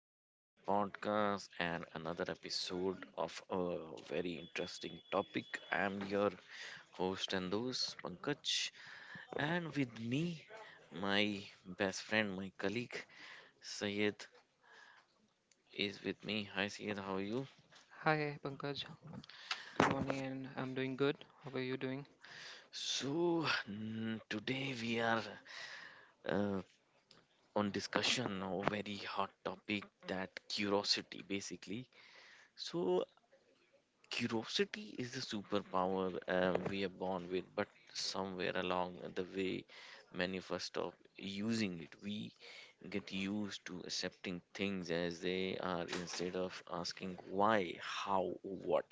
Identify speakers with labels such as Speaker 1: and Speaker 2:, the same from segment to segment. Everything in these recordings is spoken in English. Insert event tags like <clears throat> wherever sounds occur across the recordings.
Speaker 1: to my podcast and another episode of a very interesting topic. I'm your host and host, Pankaj, and with me, my best friend, my colleague, Sayed, is with me. Hi, Sayed, how are you?
Speaker 2: Hi, Pankaj. Good morning, and I'm doing good. How are you doing?
Speaker 1: Today we are uh, on discussion of a very hot topic, that curiosity, basically. So, curiosity is the superpower we are born with, but somewhere along the way, many of us stop using it. We get used to accepting things as they are instead of asking why, how, what,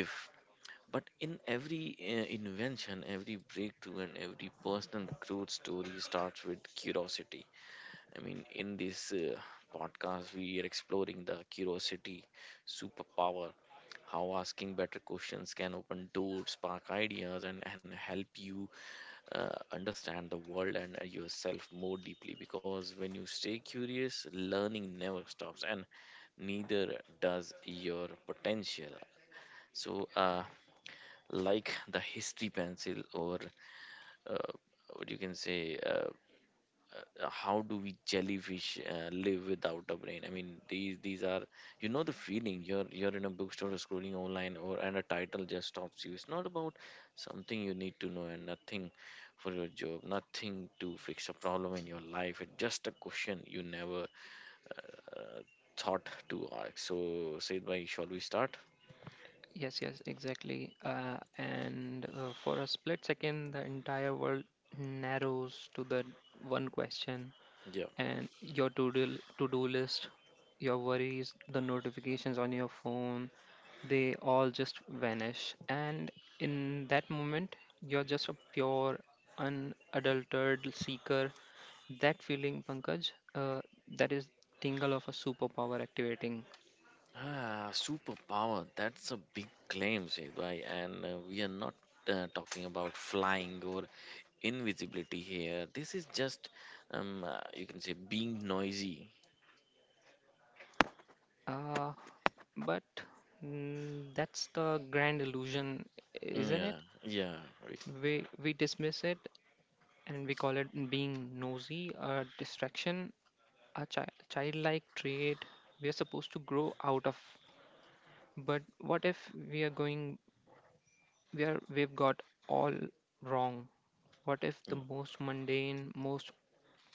Speaker 1: if. But in every invention, every breakthrough, and every personal growth story starts with curiosity. I mean, in this podcast, we are exploring the curiosity superpower, how asking better questions can open doors, spark ideas, and, help you understand the world and yourself more deeply. Because when you stay curious, learning never stops, and neither does your potential. So, uh, like the history pencil, or uh, what you can say. How do we jellyfish live without a brain? I mean, these are the feeling you're in a bookstore or scrolling online, or and a title just stops you. It's not about something you need to know, and nothing for your job, nothing to fix a problem in your life. It's just a question you never uh, thought to ask. So, said by shall we start?
Speaker 2: Yes, yes, exactly. And for a split second, the entire world narrows to the one question,
Speaker 1: Yeah.
Speaker 2: and your to-do list, your worries, the notifications on your phone, they all just vanish. And in that moment, you're just a pure, unadulterated seeker. That feeling, Pankaj, that is tingle of a superpower activating.
Speaker 1: Ah, superpower, that's a big claim, said and we are not talking about flying or invisibility here. This is just you can say being noisy.
Speaker 2: Uh, but that's the grand illusion,
Speaker 1: Mm,
Speaker 2: isn't it?
Speaker 1: yeah, yeah, we-
Speaker 2: We dismiss it, and we call it being nosy, a distraction, a childlike trait we are supposed to grow out of. But what if we are going we are we've got all wrong? What if the
Speaker 1: mm,
Speaker 2: most mundane, most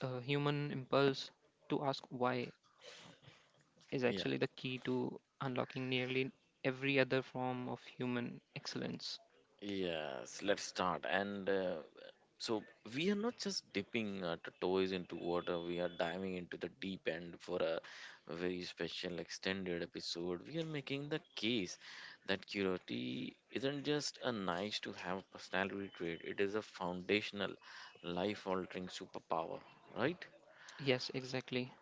Speaker 2: human impulse to ask why is
Speaker 1: yeah.
Speaker 2: actually the key to unlocking nearly every other form of human excellence?
Speaker 1: Yes, let's start. And so We are not just dipping our toes into water, we are diving into the deep end for a very special extended episode. We are making the case that curiosity isn't just a nice to have personality trait, it is a foundational life altering superpower, right?
Speaker 2: Yes, exactly.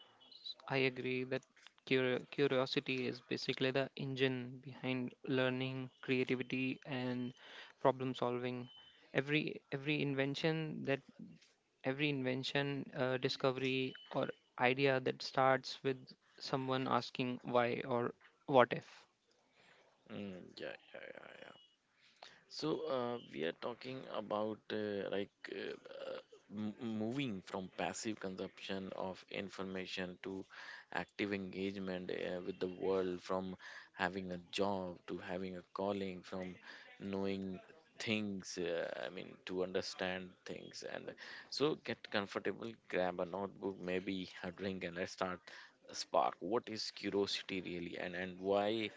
Speaker 2: I agree that curiosity is basically the engine behind learning, creativity, and problem solving. Every every invention that every invention, discovery, or idea that starts with someone asking why or what if.
Speaker 1: Mm, yeah, yeah, yeah, yeah. So we are talking about moving from passive consumption of information to active engagement with the world, from having a job to having a calling, from knowing things, I mean, to understand things. And so get comfortable, grab a notebook, maybe a drink, and let's start a spark. What is curiosity really, and why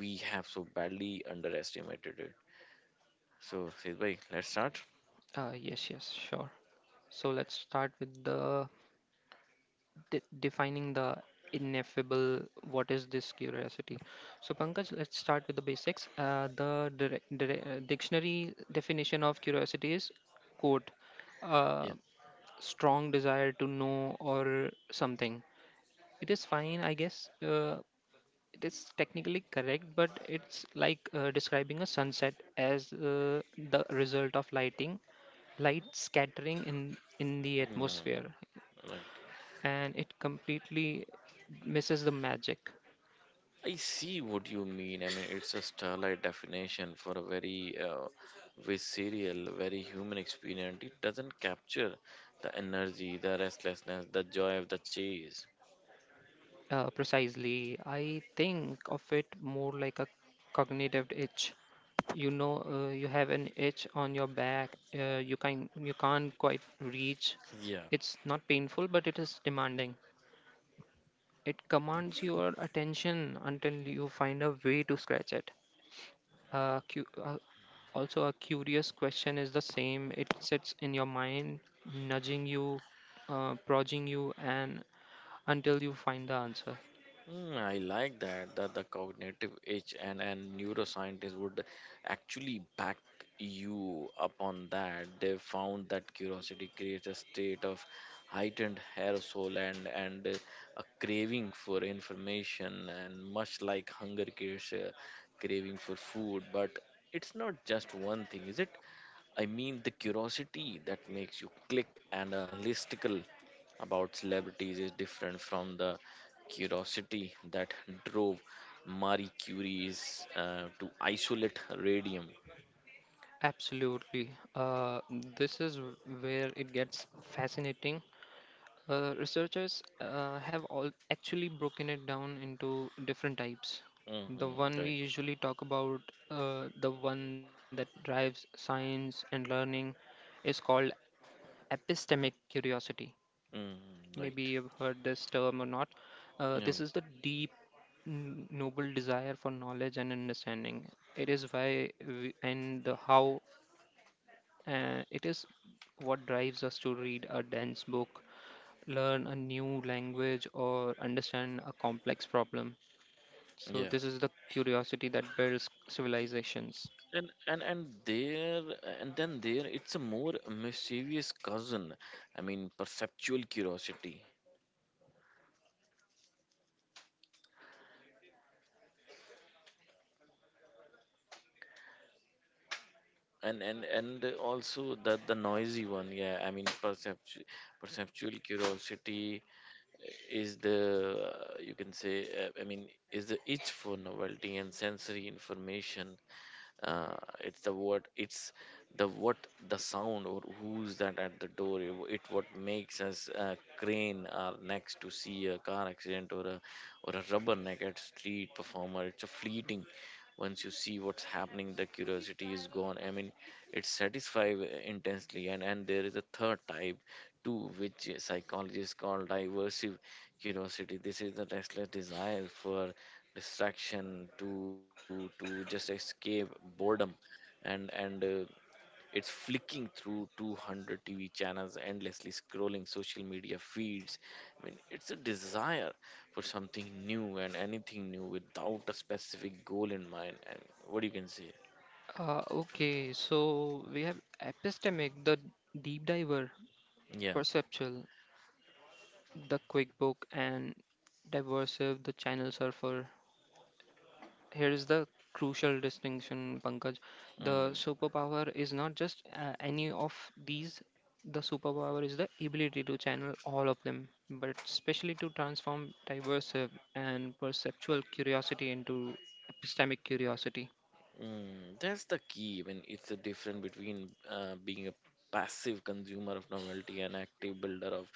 Speaker 1: we have so badly underestimated it? So, Sidbhai, let's start.
Speaker 2: Yes, yes, sure. So let's start with defining the ineffable. What is this curiosity? So, Pankaj, let's start with the basics. The dictionary definition of curiosity is, quote, uh,
Speaker 1: Yeah.
Speaker 2: "strong desire to know" or something. It is fine, I guess. It is technically correct, but it's like describing a sunset as the result of light scattering in the atmosphere,
Speaker 1: Mm, right.
Speaker 2: and it completely misses the magic.
Speaker 1: I see what you mean. I mean, it's a starlight definition for a very visceral, very human experience. It doesn't capture the energy, the restlessness, the joy of the chase.
Speaker 2: Precisely. I think of it more like a cognitive itch. You know, you have an itch on your back you can't quite reach.
Speaker 1: Yeah.
Speaker 2: It's not painful, but it is demanding. It commands your attention until you find a way to scratch it. Uh, cu- uh, Also, a curious question is the same. It sits in your mind, nudging you, prodding you, and until you find the answer.
Speaker 1: Mm, I like that, that the cognitive age and neuroscientists would actually back you up on that. They found that curiosity creates a state of heightened arousal and a craving for information, and much like hunger creates a craving for food. But it's not just one thing, is it? I mean, the curiosity that makes you click and a listicle about celebrities is different from the curiosity that drove Marie Curie's to isolate radium.
Speaker 2: Absolutely. This is where it gets fascinating. Researchers have all actually broken it down into different types. The
Speaker 1: Mm-hmm,
Speaker 2: one we
Speaker 1: right.
Speaker 2: usually talk about, the one that drives science and learning, is called epistemic curiosity.
Speaker 1: Mm,
Speaker 2: Maybe
Speaker 1: right.
Speaker 2: you've heard this term or not.
Speaker 1: Yeah.
Speaker 2: This is the deep, noble desire for knowledge and understanding. It is why, we, and the how, and it is what drives us to read a dense book, learn a new language, or understand a complex problem. So,
Speaker 1: Yeah.
Speaker 2: this is the curiosity that builds civilizations.
Speaker 1: And there and then there it's a more mischievous cousin. I mean, perceptual curiosity. And also that the noisy one, yeah. I mean, perceptual curiosity is the you can say, I mean, is the itch for novelty and sensory information. uh, it's the what, it's the what, the sound, or who's that at the door? It what makes us crane our necks to see a car accident, or a, or a rubbernecked street performer. It's a fleeting, once you see what's happening the curiosity is gone. I mean, it satisfies intensely. And there is a third type too, which psychologists call diversive curiosity. This is the restless desire for distraction, to just escape boredom. And It's flicking through 200 tv channels, endlessly scrolling social media feeds. I mean, it's a desire for something new and anything new without a specific goal in mind, and what you can say.
Speaker 2: Okay, so we have epistemic, the deep diver;
Speaker 1: Yeah.
Speaker 2: perceptual, the quick book; and diversive, the channel surfer. Here is the crucial distinction, Pankaj. The
Speaker 1: Mm.
Speaker 2: superpower is not just any of these. The superpower is the ability to channel all of them, but especially to transform diverse and perceptual curiosity into epistemic curiosity.
Speaker 1: Mm, that's the key, when it's the difference between being a passive consumer of novelty and active builder of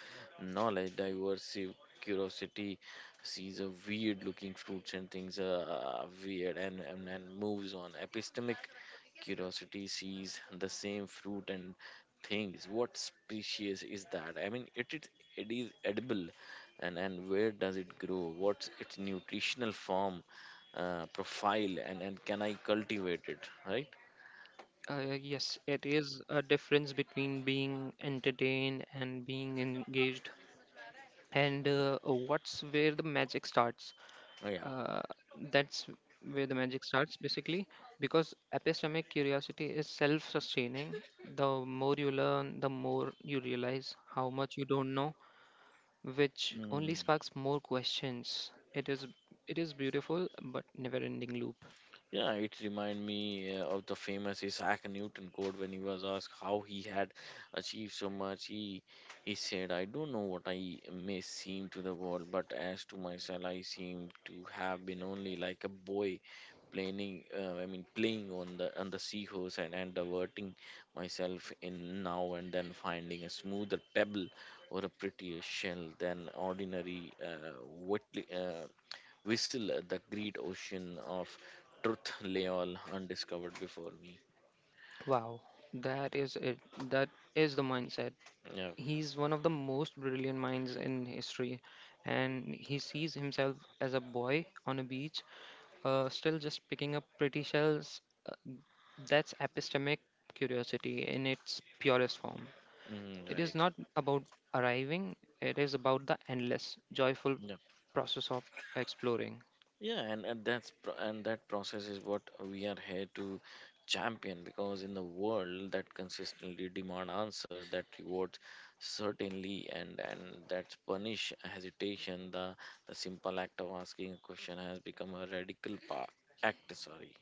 Speaker 1: knowledge. Diverse curiosity sees a weird looking fruits and things, weird, and moves on. Epistemic curiosity sees the same fruit and things what species is that. I mean, it it is edible, and where does it grow, what's its nutritional form profile, and can I cultivate it, right?
Speaker 2: uh, yes, it is a difference between being entertained and being engaged, and what's where the magic starts.
Speaker 1: Oh, yeah.
Speaker 2: Uh, that's where the magic starts basically, because epistemic curiosity is self-sustaining. The more you learn, the more you realize how much you don't know, which
Speaker 1: Mm.
Speaker 2: only sparks more questions. It is beautiful but never ending loop.
Speaker 1: Yeah, it remind me of the famous Isaac Newton quote when he was asked how he had achieved so much. He said, "I don't know what I may seem to the world, but as to myself, I seem to have been only like a boy." Playing, I mean, playing on the seahorse and, diverting myself in now and then, finding a smoother pebble or a prettier shell than ordinary, wetly, uh, whistle at the great ocean of truth lay all undiscovered before me.
Speaker 2: Wow, that is it. That is the mindset.
Speaker 1: Yeah,
Speaker 2: He's one of the most brilliant minds in history, and he sees himself as a boy on a beach, still just picking up pretty shells. That's epistemic curiosity in its purest form.
Speaker 1: mm,
Speaker 2: It is
Speaker 1: right.
Speaker 2: not about arriving; it is about the endless, joyful
Speaker 1: Yeah,
Speaker 2: process of exploring.
Speaker 1: yeah, and that's pro- and that process is what we are here to champion, because in the world that consistently demand answer, that rewards certainly, and that's punish hesitation, the simple act of asking a question has become a radical act, sorry.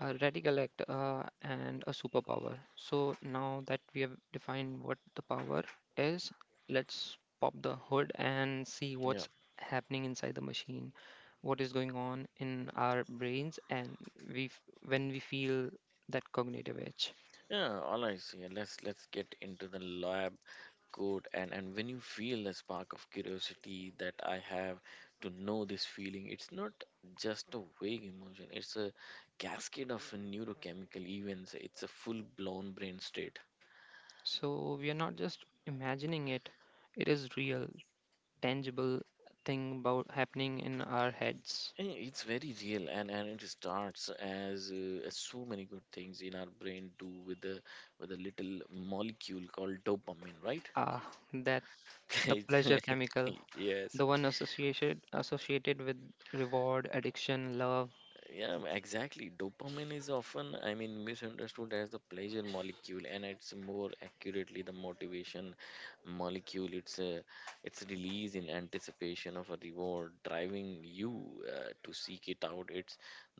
Speaker 2: A radical act and a superpower. So now that we have defined what the power is, let's pop the hood and see
Speaker 1: Yeah,
Speaker 2: what's happening inside the machine, what is going on in our brains, and when we feel that cognitive edge.
Speaker 1: yeah. All right, so yeah, let's get into the lab, good. And when you feel the spark of curiosity, that I have to know this feeling, it's not just a vague emotion, it's a cascade of neurochemical events, it's a full blown brain state.
Speaker 2: So we are not just imagining it; it is real, tangible thing about happening in our heads.
Speaker 1: And it's very real, and it starts as so many good things in our brain do, with the with a little molecule called dopamine, right?
Speaker 2: Ah, that the pleasure
Speaker 1: <laughs>
Speaker 2: chemical,
Speaker 1: Yes.
Speaker 2: the one associated with reward, addiction, love.
Speaker 1: Yeah, exactly. Dopamine is often, I mean, misunderstood as the pleasure molecule, and it's more accurately the motivation molecule. It's release in anticipation of a reward, driving you to seek it out. It's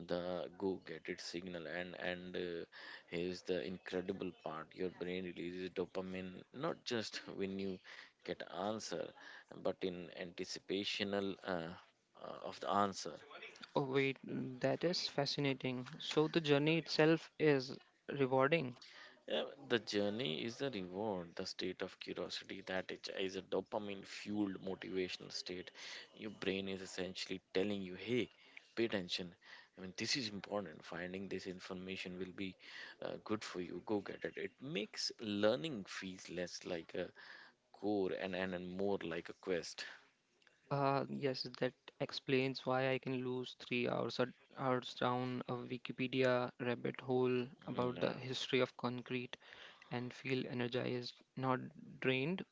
Speaker 1: the go get it signal, and here's the incredible part: your brain releases dopamine not just when you get answer, but in anticipational of the answer.
Speaker 2: Oh wait, that is fascinating. So the journey itself is rewarding.
Speaker 1: Yeah, the journey is the reward, the state of curiosity that it is a dopamine fueled motivational state. Your brain is essentially telling you, hey, pay attention. I mean, this is important. Finding this information will be good for you. Go get it. It makes learning feels less like a core and more like a quest.
Speaker 2: Yes, that explains why I can lose 3 hours a hours down a Wikipedia rabbit hole
Speaker 1: Mhm,
Speaker 2: about the
Speaker 1: yeah.
Speaker 2: history of concrete, and feel energized, not drained.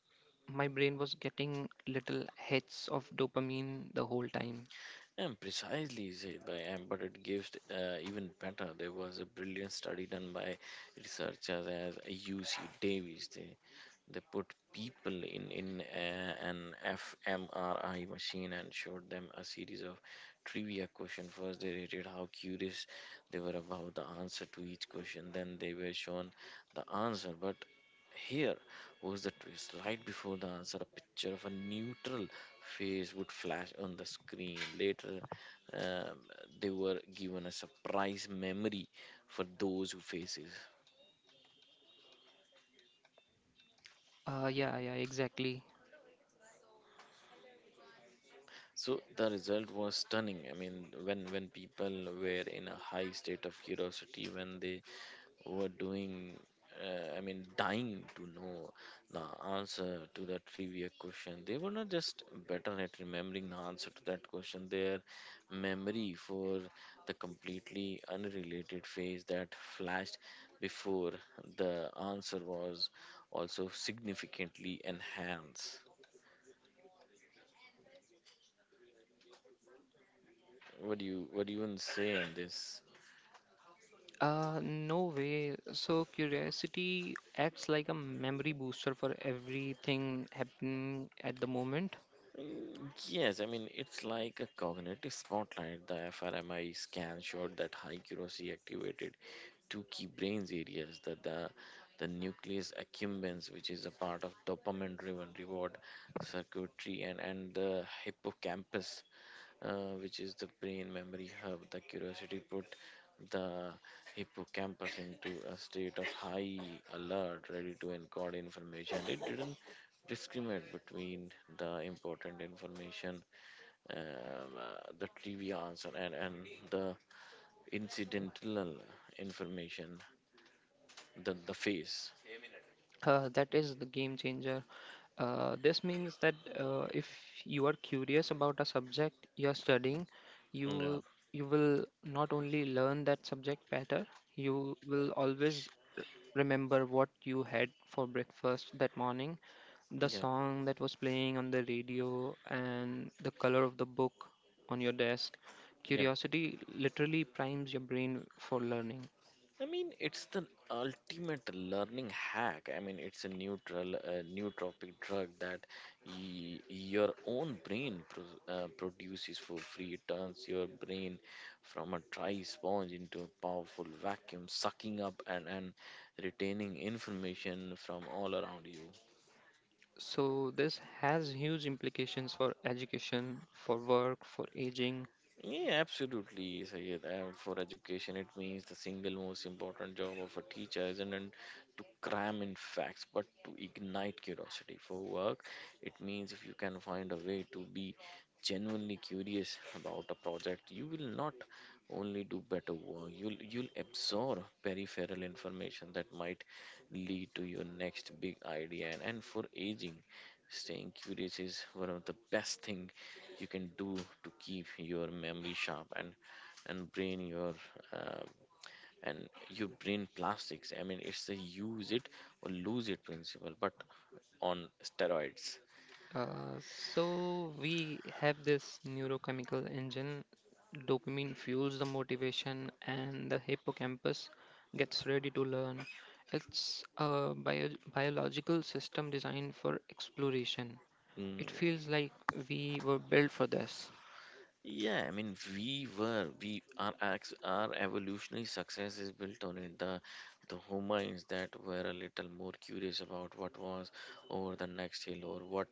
Speaker 2: My brain was getting little hits of dopamine the whole time.
Speaker 1: And precisely said by Am, but it gives even better. There was a brilliant study done by researchers as UC Davis. They put people in a, an fMRI machine and showed them a series of trivia questions. First, they rated how curious they were about the answer to each question. Then they were shown the answer. But here was the twist. Right before the answer, a picture of a neutral face would flash on the screen. Later, um, they were given a surprise memory for those who faces.
Speaker 2: Yeah, yeah, exactly.
Speaker 1: So the result was stunning. I mean, when people were in a high state of curiosity, when they were doing, I mean, dying to know the answer to the trivia question, they were not just better at remembering the answer to that question. Their memory for the completely unrelated phase that flashed before the answer was also significantly enhanced. What do you even say on this?
Speaker 2: No way. So curiosity acts like a memory booster for everything happening at the moment.
Speaker 1: Mm, yes, I mean, it's like a cognitive spotlight. The fMRI scan showed that high curiosity activated two key brain's areas, the nucleus accumbens, which is a part of dopamine driven reward circuitry, and, the hippocampus, which is the brain memory hub. The curiosity put the hippocampus into a state of high alert, ready to encode information. It didn't discriminate between the important information, the trivia answer, and, the incidental information, the face.
Speaker 2: That is the game changer. This means that if you are curious about a subject you are studying,
Speaker 1: Yeah,
Speaker 2: you you will not only learn that subject better, you will always r- remember what you had for breakfast that morning, the
Speaker 1: yeah,
Speaker 2: song that was playing on the radio, and the color of the book on your desk.
Speaker 1: yeah.
Speaker 2: Curiosity literally primes your brain for learning.
Speaker 1: I mean, it's the ultimate learning hack. I mean, it's a neutral, nootropic drug that your own brain produces for free. It turns your brain from a dry sponge into a powerful vacuum, sucking up and, retaining information from all around you.
Speaker 2: So this has huge implications for education, for work, for aging.
Speaker 1: Yeah, absolutely, Sayed. And for education, it means the single most important job of a teacher isn't to cram in facts, but to ignite curiosity. For work, it means if you can find a way to be genuinely curious about a project, you will not only do better work. You'll absorb peripheral information that might lead to your next big idea. And, for aging, staying curious is one of the best thing you can do to keep your memory sharp and brain your uh, and your brain plastics. I mean, it's a use it or lose it principle, but on steroids.
Speaker 2: So we have this neurochemical engine. Dopamine fuels the motivation, and the hippocampus gets ready to learn. It's a biological system designed for exploration. It
Speaker 1: Mm,
Speaker 2: feels like we were built for this.
Speaker 1: yeah, I mean, we were, our evolutionary success is built on it. The humans that were a little more curious about what was over the next hill, or what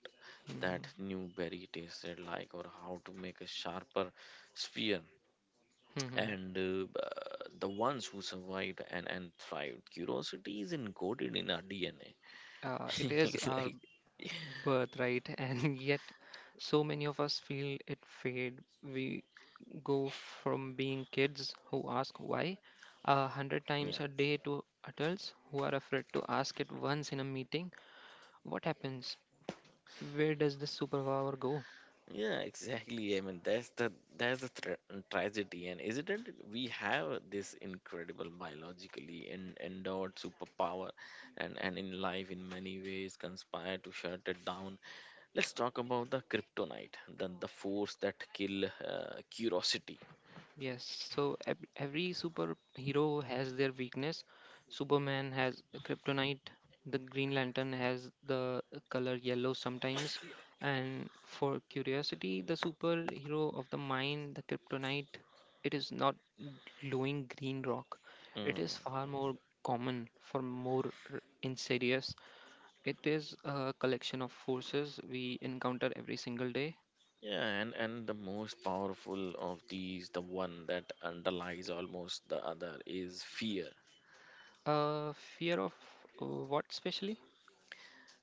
Speaker 2: Mm,
Speaker 1: that new berry tasted like, or how to make a sharper spear
Speaker 2: mhm.
Speaker 1: and the ones who survived and thrived. Curiosity is encoded in our DNA. <laughs>
Speaker 2: It is
Speaker 1: It's
Speaker 2: our
Speaker 1: like,
Speaker 2: birth, right? <laughs> And yet, so many of us feel it fade. We go from being kids who ask why 100 times
Speaker 1: yeah.
Speaker 2: a day to adults who are afraid to ask it once in a meeting. What happens? Where does this superpower go?
Speaker 1: Yeah, exactly. I mean, that's the tra- tragedy, and isn't it? We have this incredible biologically endowed superpower, and in life in many ways conspire to shut it down. Let's talk about the kryptonite, the force that kill curiosity.
Speaker 2: Yes, so every superhero has their weakness. Superman has a kryptonite, the Green Lantern has the color yellow sometimes, and for curiosity, the superhero of the mind, the kryptonite, it is not glowing green rock. It
Speaker 1: Hmm.
Speaker 2: is far more common for more insidious. It is a collection of forces we encounter every single day.
Speaker 1: Yeah, and the most powerful of these, the one that underlies almost the other, is fear.
Speaker 2: Fear of what specially?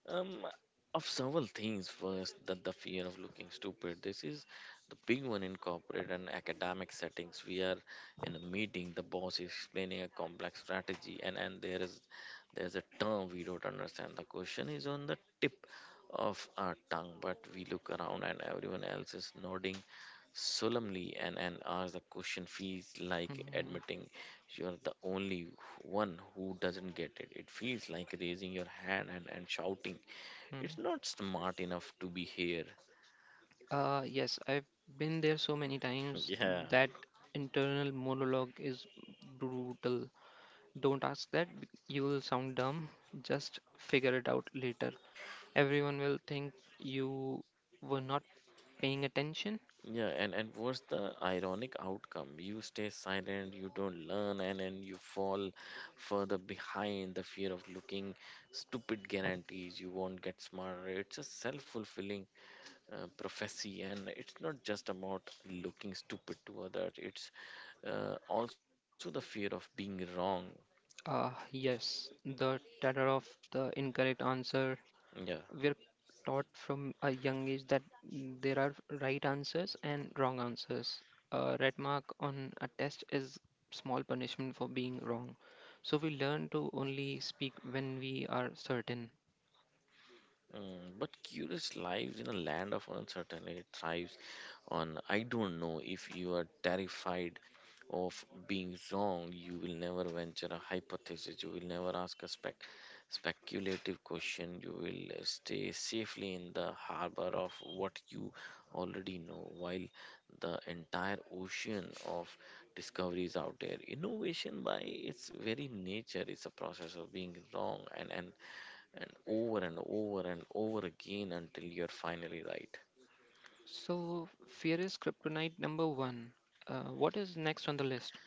Speaker 1: Um, of several things. First, that the fear of looking stupid. This is the big one in corporate and academic settings. We are in a meeting. The boss is explaining a complex strategy, and there's a term we don't understand. The question is on the tip of our tongue, but we look around and everyone else is nodding solemnly, and ask the question feels like
Speaker 2: Hmm.
Speaker 1: admitting you're the only one who doesn't get it. It feels like raising your hand and shouting, "It's
Speaker 2: Mm.
Speaker 1: not smart enough to be here."
Speaker 2: Yes, I've been there so many
Speaker 1: <laughs>
Speaker 2: times.
Speaker 1: Yeah.
Speaker 2: That internal monologue is brutal. Don't ask that, you will sound dumb. Just figure it out later. Everyone will think you were not paying attention.
Speaker 1: Yeah, and what's the ironic outcome? You stay silent, you don't learn, and then you fall further behind. The fear of looking stupid guarantees you won't get smarter. It's a self fulfilling prophecy. And it's not just about looking stupid to others, it's also the fear of being wrong.
Speaker 2: Yes, the terror of the incorrect answer.
Speaker 1: Yeah.
Speaker 2: We're taught from a young age that there are right answers and wrong answers. A red mark on a test is small punishment for being wrong. So we learn to only speak when we are certain.
Speaker 1: Mm, but curious lives in a land of uncertainty, thrives on I don't know. If you are terrified of being wrong, you will never venture a hypothesis, you will never ask a speculative question, you will stay safely in the harbor of what you already know, while the entire ocean of discoveries out there. Innovation by its very nature is a process of being wrong and over and over and over again until you're finally right.
Speaker 2: So fear is kryptonite number one. What is next on the list?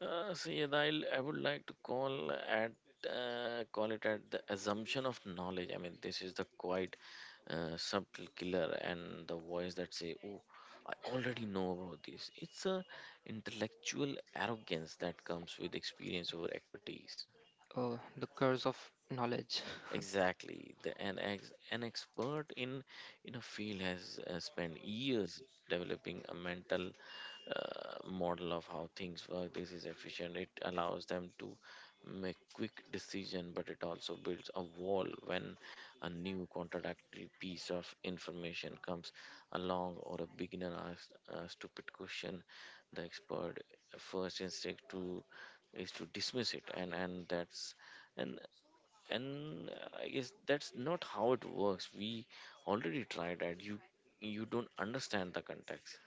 Speaker 1: I would like to call at call it at the assumption of knowledge. I mean, this is the quite subtle killer, and the voice that say, "Oh, I already know about this." It's a intellectual arrogance that comes with experience over expertise.
Speaker 2: Oh, the curse of knowledge. <laughs>
Speaker 1: Exactly. An expert in a field has spent years developing a mental model of how things work. This is efficient. It allows them to make quick decision, but it also builds a wall when a new contradictory piece of information comes along, or a beginner asks a stupid question. The expert first instinct to is to dismiss it, and and I guess that's not how it works. We already tried that. You don't understand the context.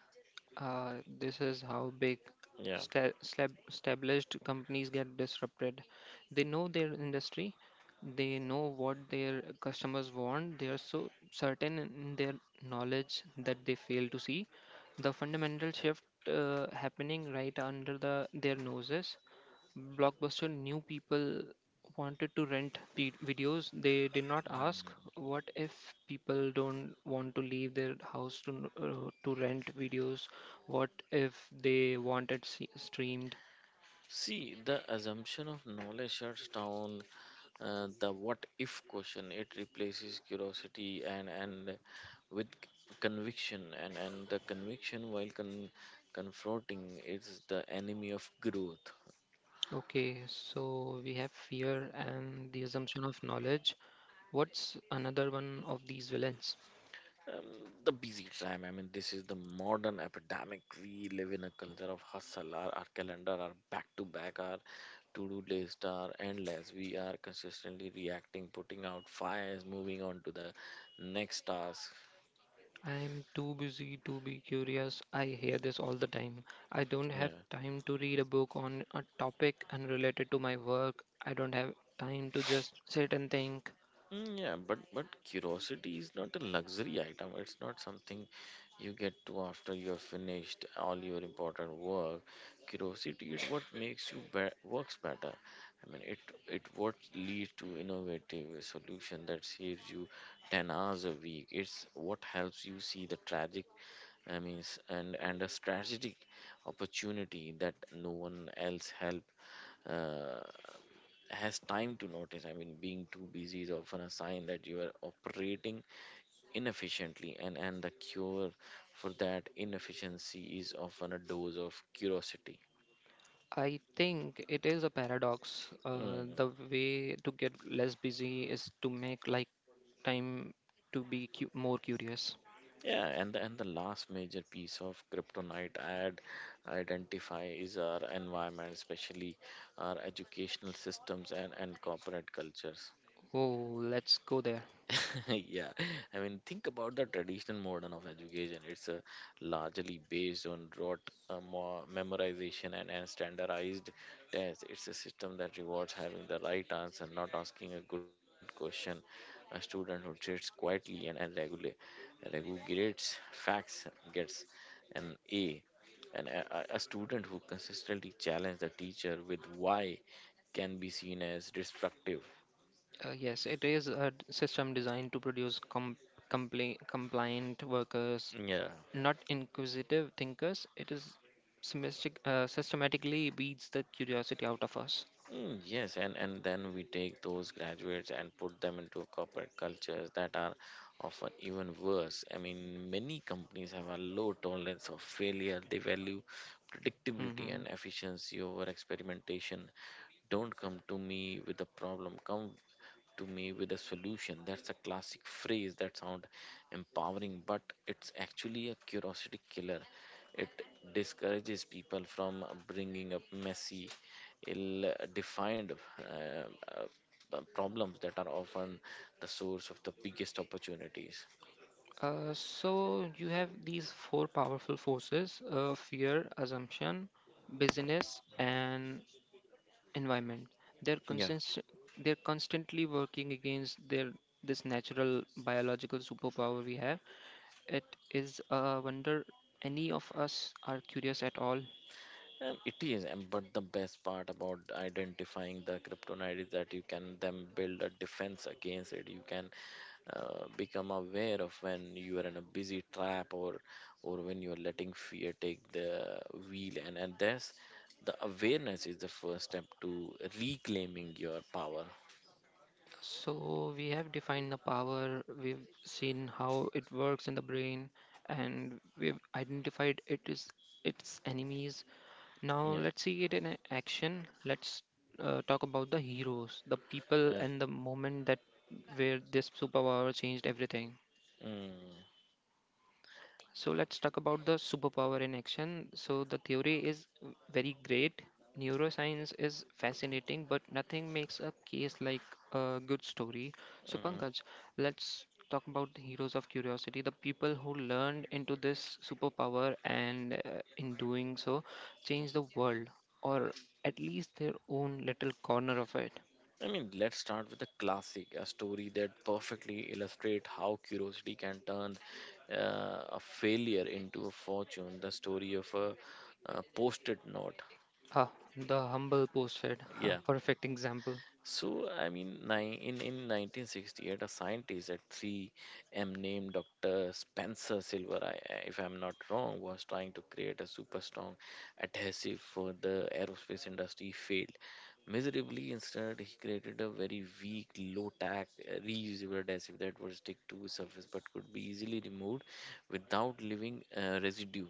Speaker 2: Uh, this is how big
Speaker 1: Yeah.
Speaker 2: established companies get disrupted. They know their industry, they know what their customers want, they are so certain in their knowledge that they fail to see the fundamental shift happening right under their noses. Blockbuster knew people wanted to rent videos. They did not
Speaker 1: Mm.
Speaker 2: ask, "What if people don't want to leave their house to to rent videos? What if they wanted streamed?"
Speaker 1: See, the assumption of knowledge shuts down the what if question. It replaces curiosity and with conviction, and the conviction, while confronting, is the enemy of growth.
Speaker 2: Okay, so we have fear and the assumption of knowledge. What's another one of these villains?
Speaker 1: Um, the busy time. I mean, this is the modern epidemic. We live in a culture of hustle. Our calendar are back to back. Our to-do lists are endless. We are consistently reacting, putting out fires, moving on to the next task.
Speaker 2: I'm too busy to be curious. I hear this all the time. I don't have
Speaker 1: Yeah.
Speaker 2: time to read a book on a topic unrelated to my work. I don't have time to just sit and think.
Speaker 1: Mm, yeah, but curiosity is not a luxury item. It's not something you get to after you're finished all your important work. Curiosity is what makes you works better. I mean, it what leads to innovative solution that saves you 10 hours a week. It's what helps you see the tragic, I mean, and a strategic opportunity that no one else help. Uh, has time to notice. I mean, being too busy is often a sign that you are operating inefficiently, and the cure for that inefficiency is often a dose of curiosity.
Speaker 2: I think it is a paradox. The
Speaker 1: Mm.
Speaker 2: way to get less busy is to make time to be more curious.
Speaker 1: Yeah, and the last major piece of kryptonite I'd identify is our environment, especially our educational systems and corporate cultures.
Speaker 2: Oh, let's go there.
Speaker 1: <laughs> Yeah. I mean, think about the traditional model of education. It's largely based on rote memorization and standardized tests. It's a system that rewards having the right answer, not asking a good question. A student who sits quietly and regular regurgitates facts gets an A, and a student who consistently challenges the teacher with why can be seen as destructive.
Speaker 2: Yes, it is a system designed to produce compliant workers,
Speaker 1: Yeah.
Speaker 2: not inquisitive thinkers. It systematically beats the curiosity out of us.
Speaker 1: Mm, yes, and then we take those graduates and put them into corporate cultures that are often even worse. I mean, many companies have a low tolerance of failure. They value predictability and
Speaker 2: Hmm.
Speaker 1: efficiency over experimentation. Don't come to me with a problem, come to me with a solution. That's a classic phrase that sounds empowering, but it's actually a curiosity killer. It discourages people from bringing up messy, ill defined uh, problems that are often the source of the biggest opportunities.
Speaker 2: So you have these four powerful forces: fear, assumption, business, and environment. They're
Speaker 1: Yeah.
Speaker 2: constant. They're constantly working against their this natural biological superpower we have. It is a wonder any of us are curious at all.
Speaker 1: It is, and but the best part about identifying the kryptonite is that you can then build a defense against it. You can become aware of when you are in a busy trap, or when you are letting fear take the wheel, and that's the awareness is the first step to reclaiming your power.
Speaker 2: So we have defined the power, we've seen how it works in the brain, and we've identified it is its enemies. Now
Speaker 1: Yeah,
Speaker 2: let's see it in action. Let's talk about the heroes, the people
Speaker 1: yeah.
Speaker 2: and the moment that where this superpower changed everything.
Speaker 1: Mm,
Speaker 2: So let's talk about the superpower in action. So the theory is very great. Neuroscience is fascinating, but nothing makes a case like a good story. So,
Speaker 1: mhm.
Speaker 2: Pankaj, let's talk about the heroes of curiosity, the people who learned into this superpower and, in doing so, change the world, or at least their own little corner of it.
Speaker 1: I mean, let's start with a classic, a story that perfectly illustrates how curiosity can turn a failure into a fortune. The story of a post-it note.
Speaker 2: Ah, the humble post said, <laughs> a
Speaker 1: Yeah.
Speaker 2: perfect example.
Speaker 1: So, I mean, in 1968, a scientist at 3M named Dr. Spencer Silver, I- if I'm not wrong, was trying to create a super strong adhesive for the aerospace industry. He failed miserably. Instead, he created a very weak, low tack, reusable adhesive that would stick to surface but could be easily removed without leaving residue.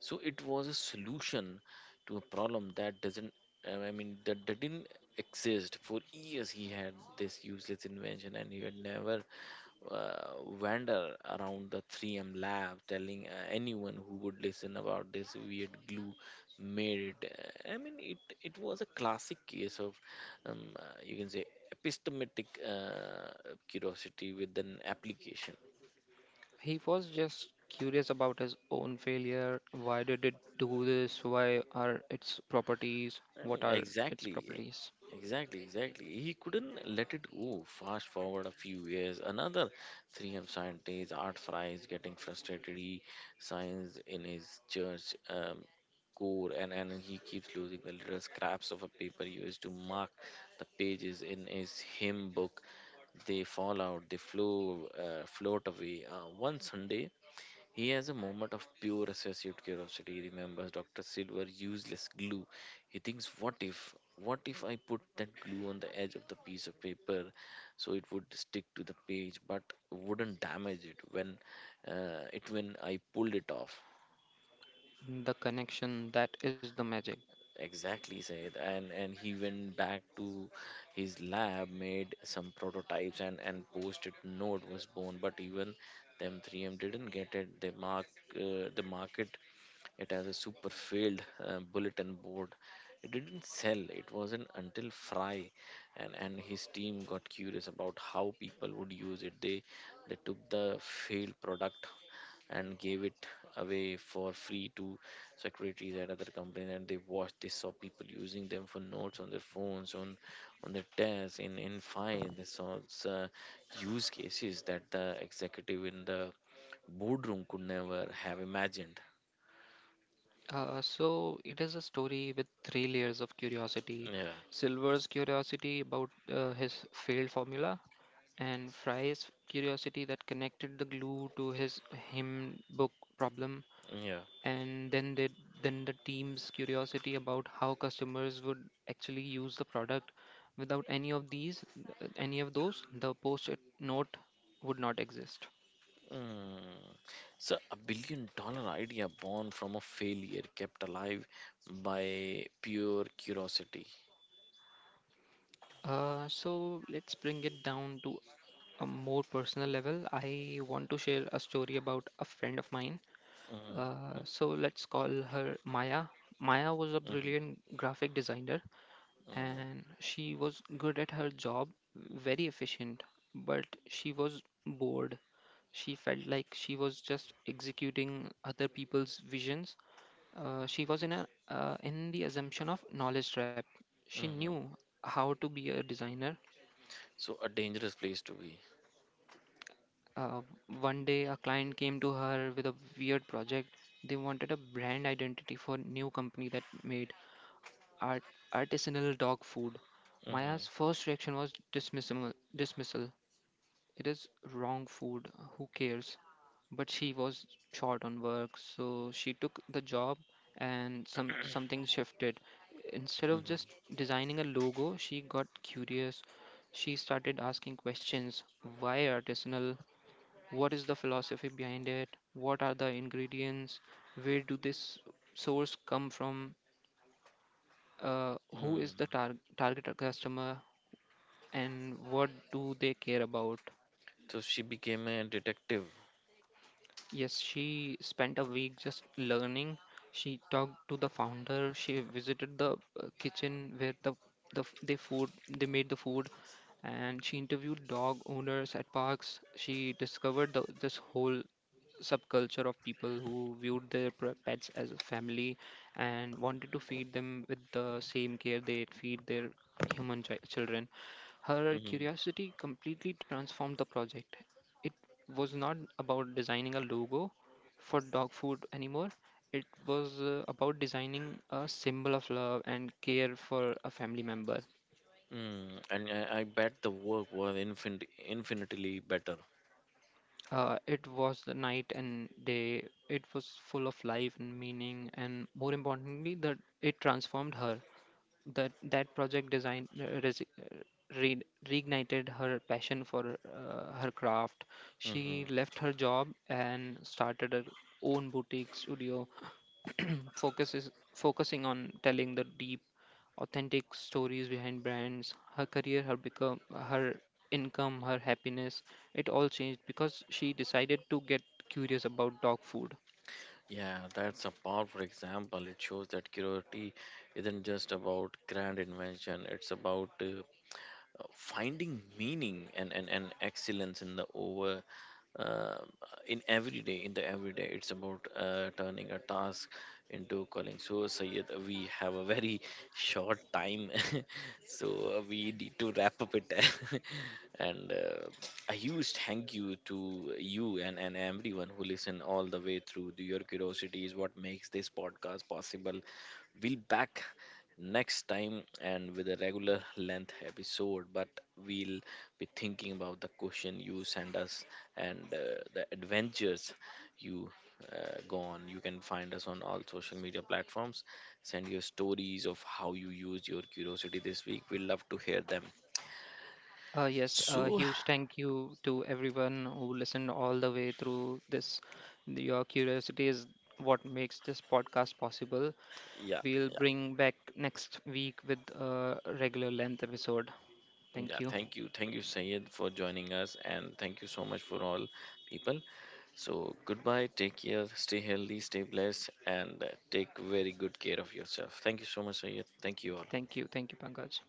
Speaker 1: So it was a solution to a problem that doesn't, that, that didn't exist. For years he had this useless invention, and he had never uh, wander around the 3M lab telling anyone who would listen about this weird glue made it. I mean, it was a classic case of you can say epistemic uh, curiosity with an application.
Speaker 2: He was just curious about his own failure. Why did it do this? Why are its properties?
Speaker 1: Mm.
Speaker 2: What are its
Speaker 1: Exactly.
Speaker 2: properties?
Speaker 1: Exactly, exactly. He couldn't let it go. Fast forward a few years, another 3M scientist, Art Fry, is getting frustrated. He signs in his church core, and he keeps losing the little scraps of a paper used to mark the pages in his hymn book. They fall out, they flow, float away. One Sunday, he has a moment of pure associative curiosity. He remembers Dr. Silver useless glue. He thinks, what if? What if I put that glue on the edge of the piece of paper so it would stick to the page but wouldn't damage it when I pulled it off?
Speaker 2: The connection, that is the magic.
Speaker 1: Exactly, said. And he went back to his lab, made some prototypes, and post-it note was born. But even them 3M didn't get it. They mark the market. It has a super failed bulletin board. It didn't sell. It wasn't until Fry and his team got curious about how people would use it. They took the failed product and gave it away for free to secretaries at other companies, and they watched. They saw people using them for notes on their phones, on their desks, in file. They saw uh, use cases that the executive in the boardroom could never have imagined.
Speaker 2: So it is a story with three layers of curiosity.
Speaker 1: Yeah,
Speaker 2: Silver's curiosity about his failed formula, and Fry's curiosity that connected the glue to his hymn book problem,
Speaker 1: yeah.
Speaker 2: and then the team's curiosity about how customers would actually use the product. Without any of these, any of those the post it note would not exist.
Speaker 1: Mm. So, a $1 billion idea born from a failure, kept alive by pure curiosity.
Speaker 2: So let's bring it down to a more personal level. I want to share a story about a friend of mine.
Speaker 1: Mm-hmm.
Speaker 2: So let's call her Maya. Maya was a
Speaker 1: Mm-hmm.
Speaker 2: brilliant graphic designer,
Speaker 1: Mm-hmm.
Speaker 2: and she was good at her job, very efficient, but she was bored. She felt like she was just executing other people's visions. She was in a in the assumption of knowledge trap. She
Speaker 1: Mm-hmm.
Speaker 2: knew how to be a designer.
Speaker 1: So, a dangerous place to be.
Speaker 2: Uh, One day, a client came to her with a weird project. They wanted a brand identity for new company that made art artisanal dog food.
Speaker 1: Mm-hmm.
Speaker 2: Maya's first reaction was dismissal. It is wrong food, who cares? But she was short on work, so she took the job, and something shifted. Instead of
Speaker 1: Mm-hmm.
Speaker 2: just designing a logo, she got curious. She started asking questions. Why artisanal? What is the philosophy behind it? What are the ingredients? Where do this source come from? Who is the
Speaker 1: Mm.
Speaker 2: target customer, and what do they care about?
Speaker 1: So, she became a detective.
Speaker 2: Yes, she spent a week just learning. She talked to the founder. She visited the kitchen where the f- they food they made the food, and she interviewed dog owners at parks. She discovered this whole subculture of people who viewed their pets as a family and wanted to feed them with the same care they feed their human children. Her
Speaker 1: Mm-hmm.
Speaker 2: curiosity completely transformed the project. It was not about designing a logo for dog food anymore. It was about designing a symbol of love and care for a family member.
Speaker 1: Mm. And I bet the work was infinitely better.
Speaker 2: It was the night and day. It was full of life and meaning, and more importantly, that it transformed her. That project design re- reignited her passion for her craft. She
Speaker 1: Mm-hmm.
Speaker 2: left her job and started her own boutique studio <clears throat> focuses focusing on telling the deep, authentic stories behind brands. Her career, her income, her happiness, it all changed because she decided to get curious about dog food.
Speaker 1: Yeah, that's a powerful example. It shows that curiosity isn't just about grand invention, it's about finding meaning, and excellence um, in the everyday. It's about turning a task into calling. So Sayed, we have a very short time. <laughs> So we need to wrap up it. <laughs> and A huge thank you to you, and everyone who listen all the way through. Your curiosity is what makes this podcast possible. We'll back next time and with a regular length episode, but we'll be thinking about the question you send us and the adventures you go on. You can find us on all social media platforms. Send your stories of how you used your curiosity this week. We would love to hear them.
Speaker 2: Yes, a
Speaker 1: So,
Speaker 2: huge thank you to everyone who listened all the way through this. Your curiosity is what makes this podcast possible.
Speaker 1: yeah,
Speaker 2: We'll
Speaker 1: yeah,
Speaker 2: bring back next week with a regular length episode. Thank
Speaker 1: yeah.
Speaker 2: you.
Speaker 1: Thank you, Sayed, for joining us, and thank you so much for all people. So, goodbye. Take care. Stay healthy. Stay blessed. And take very good care of yourself. Thank you so much, Sayed. Thank you all.
Speaker 2: Thank you. Thank you, Pankaj.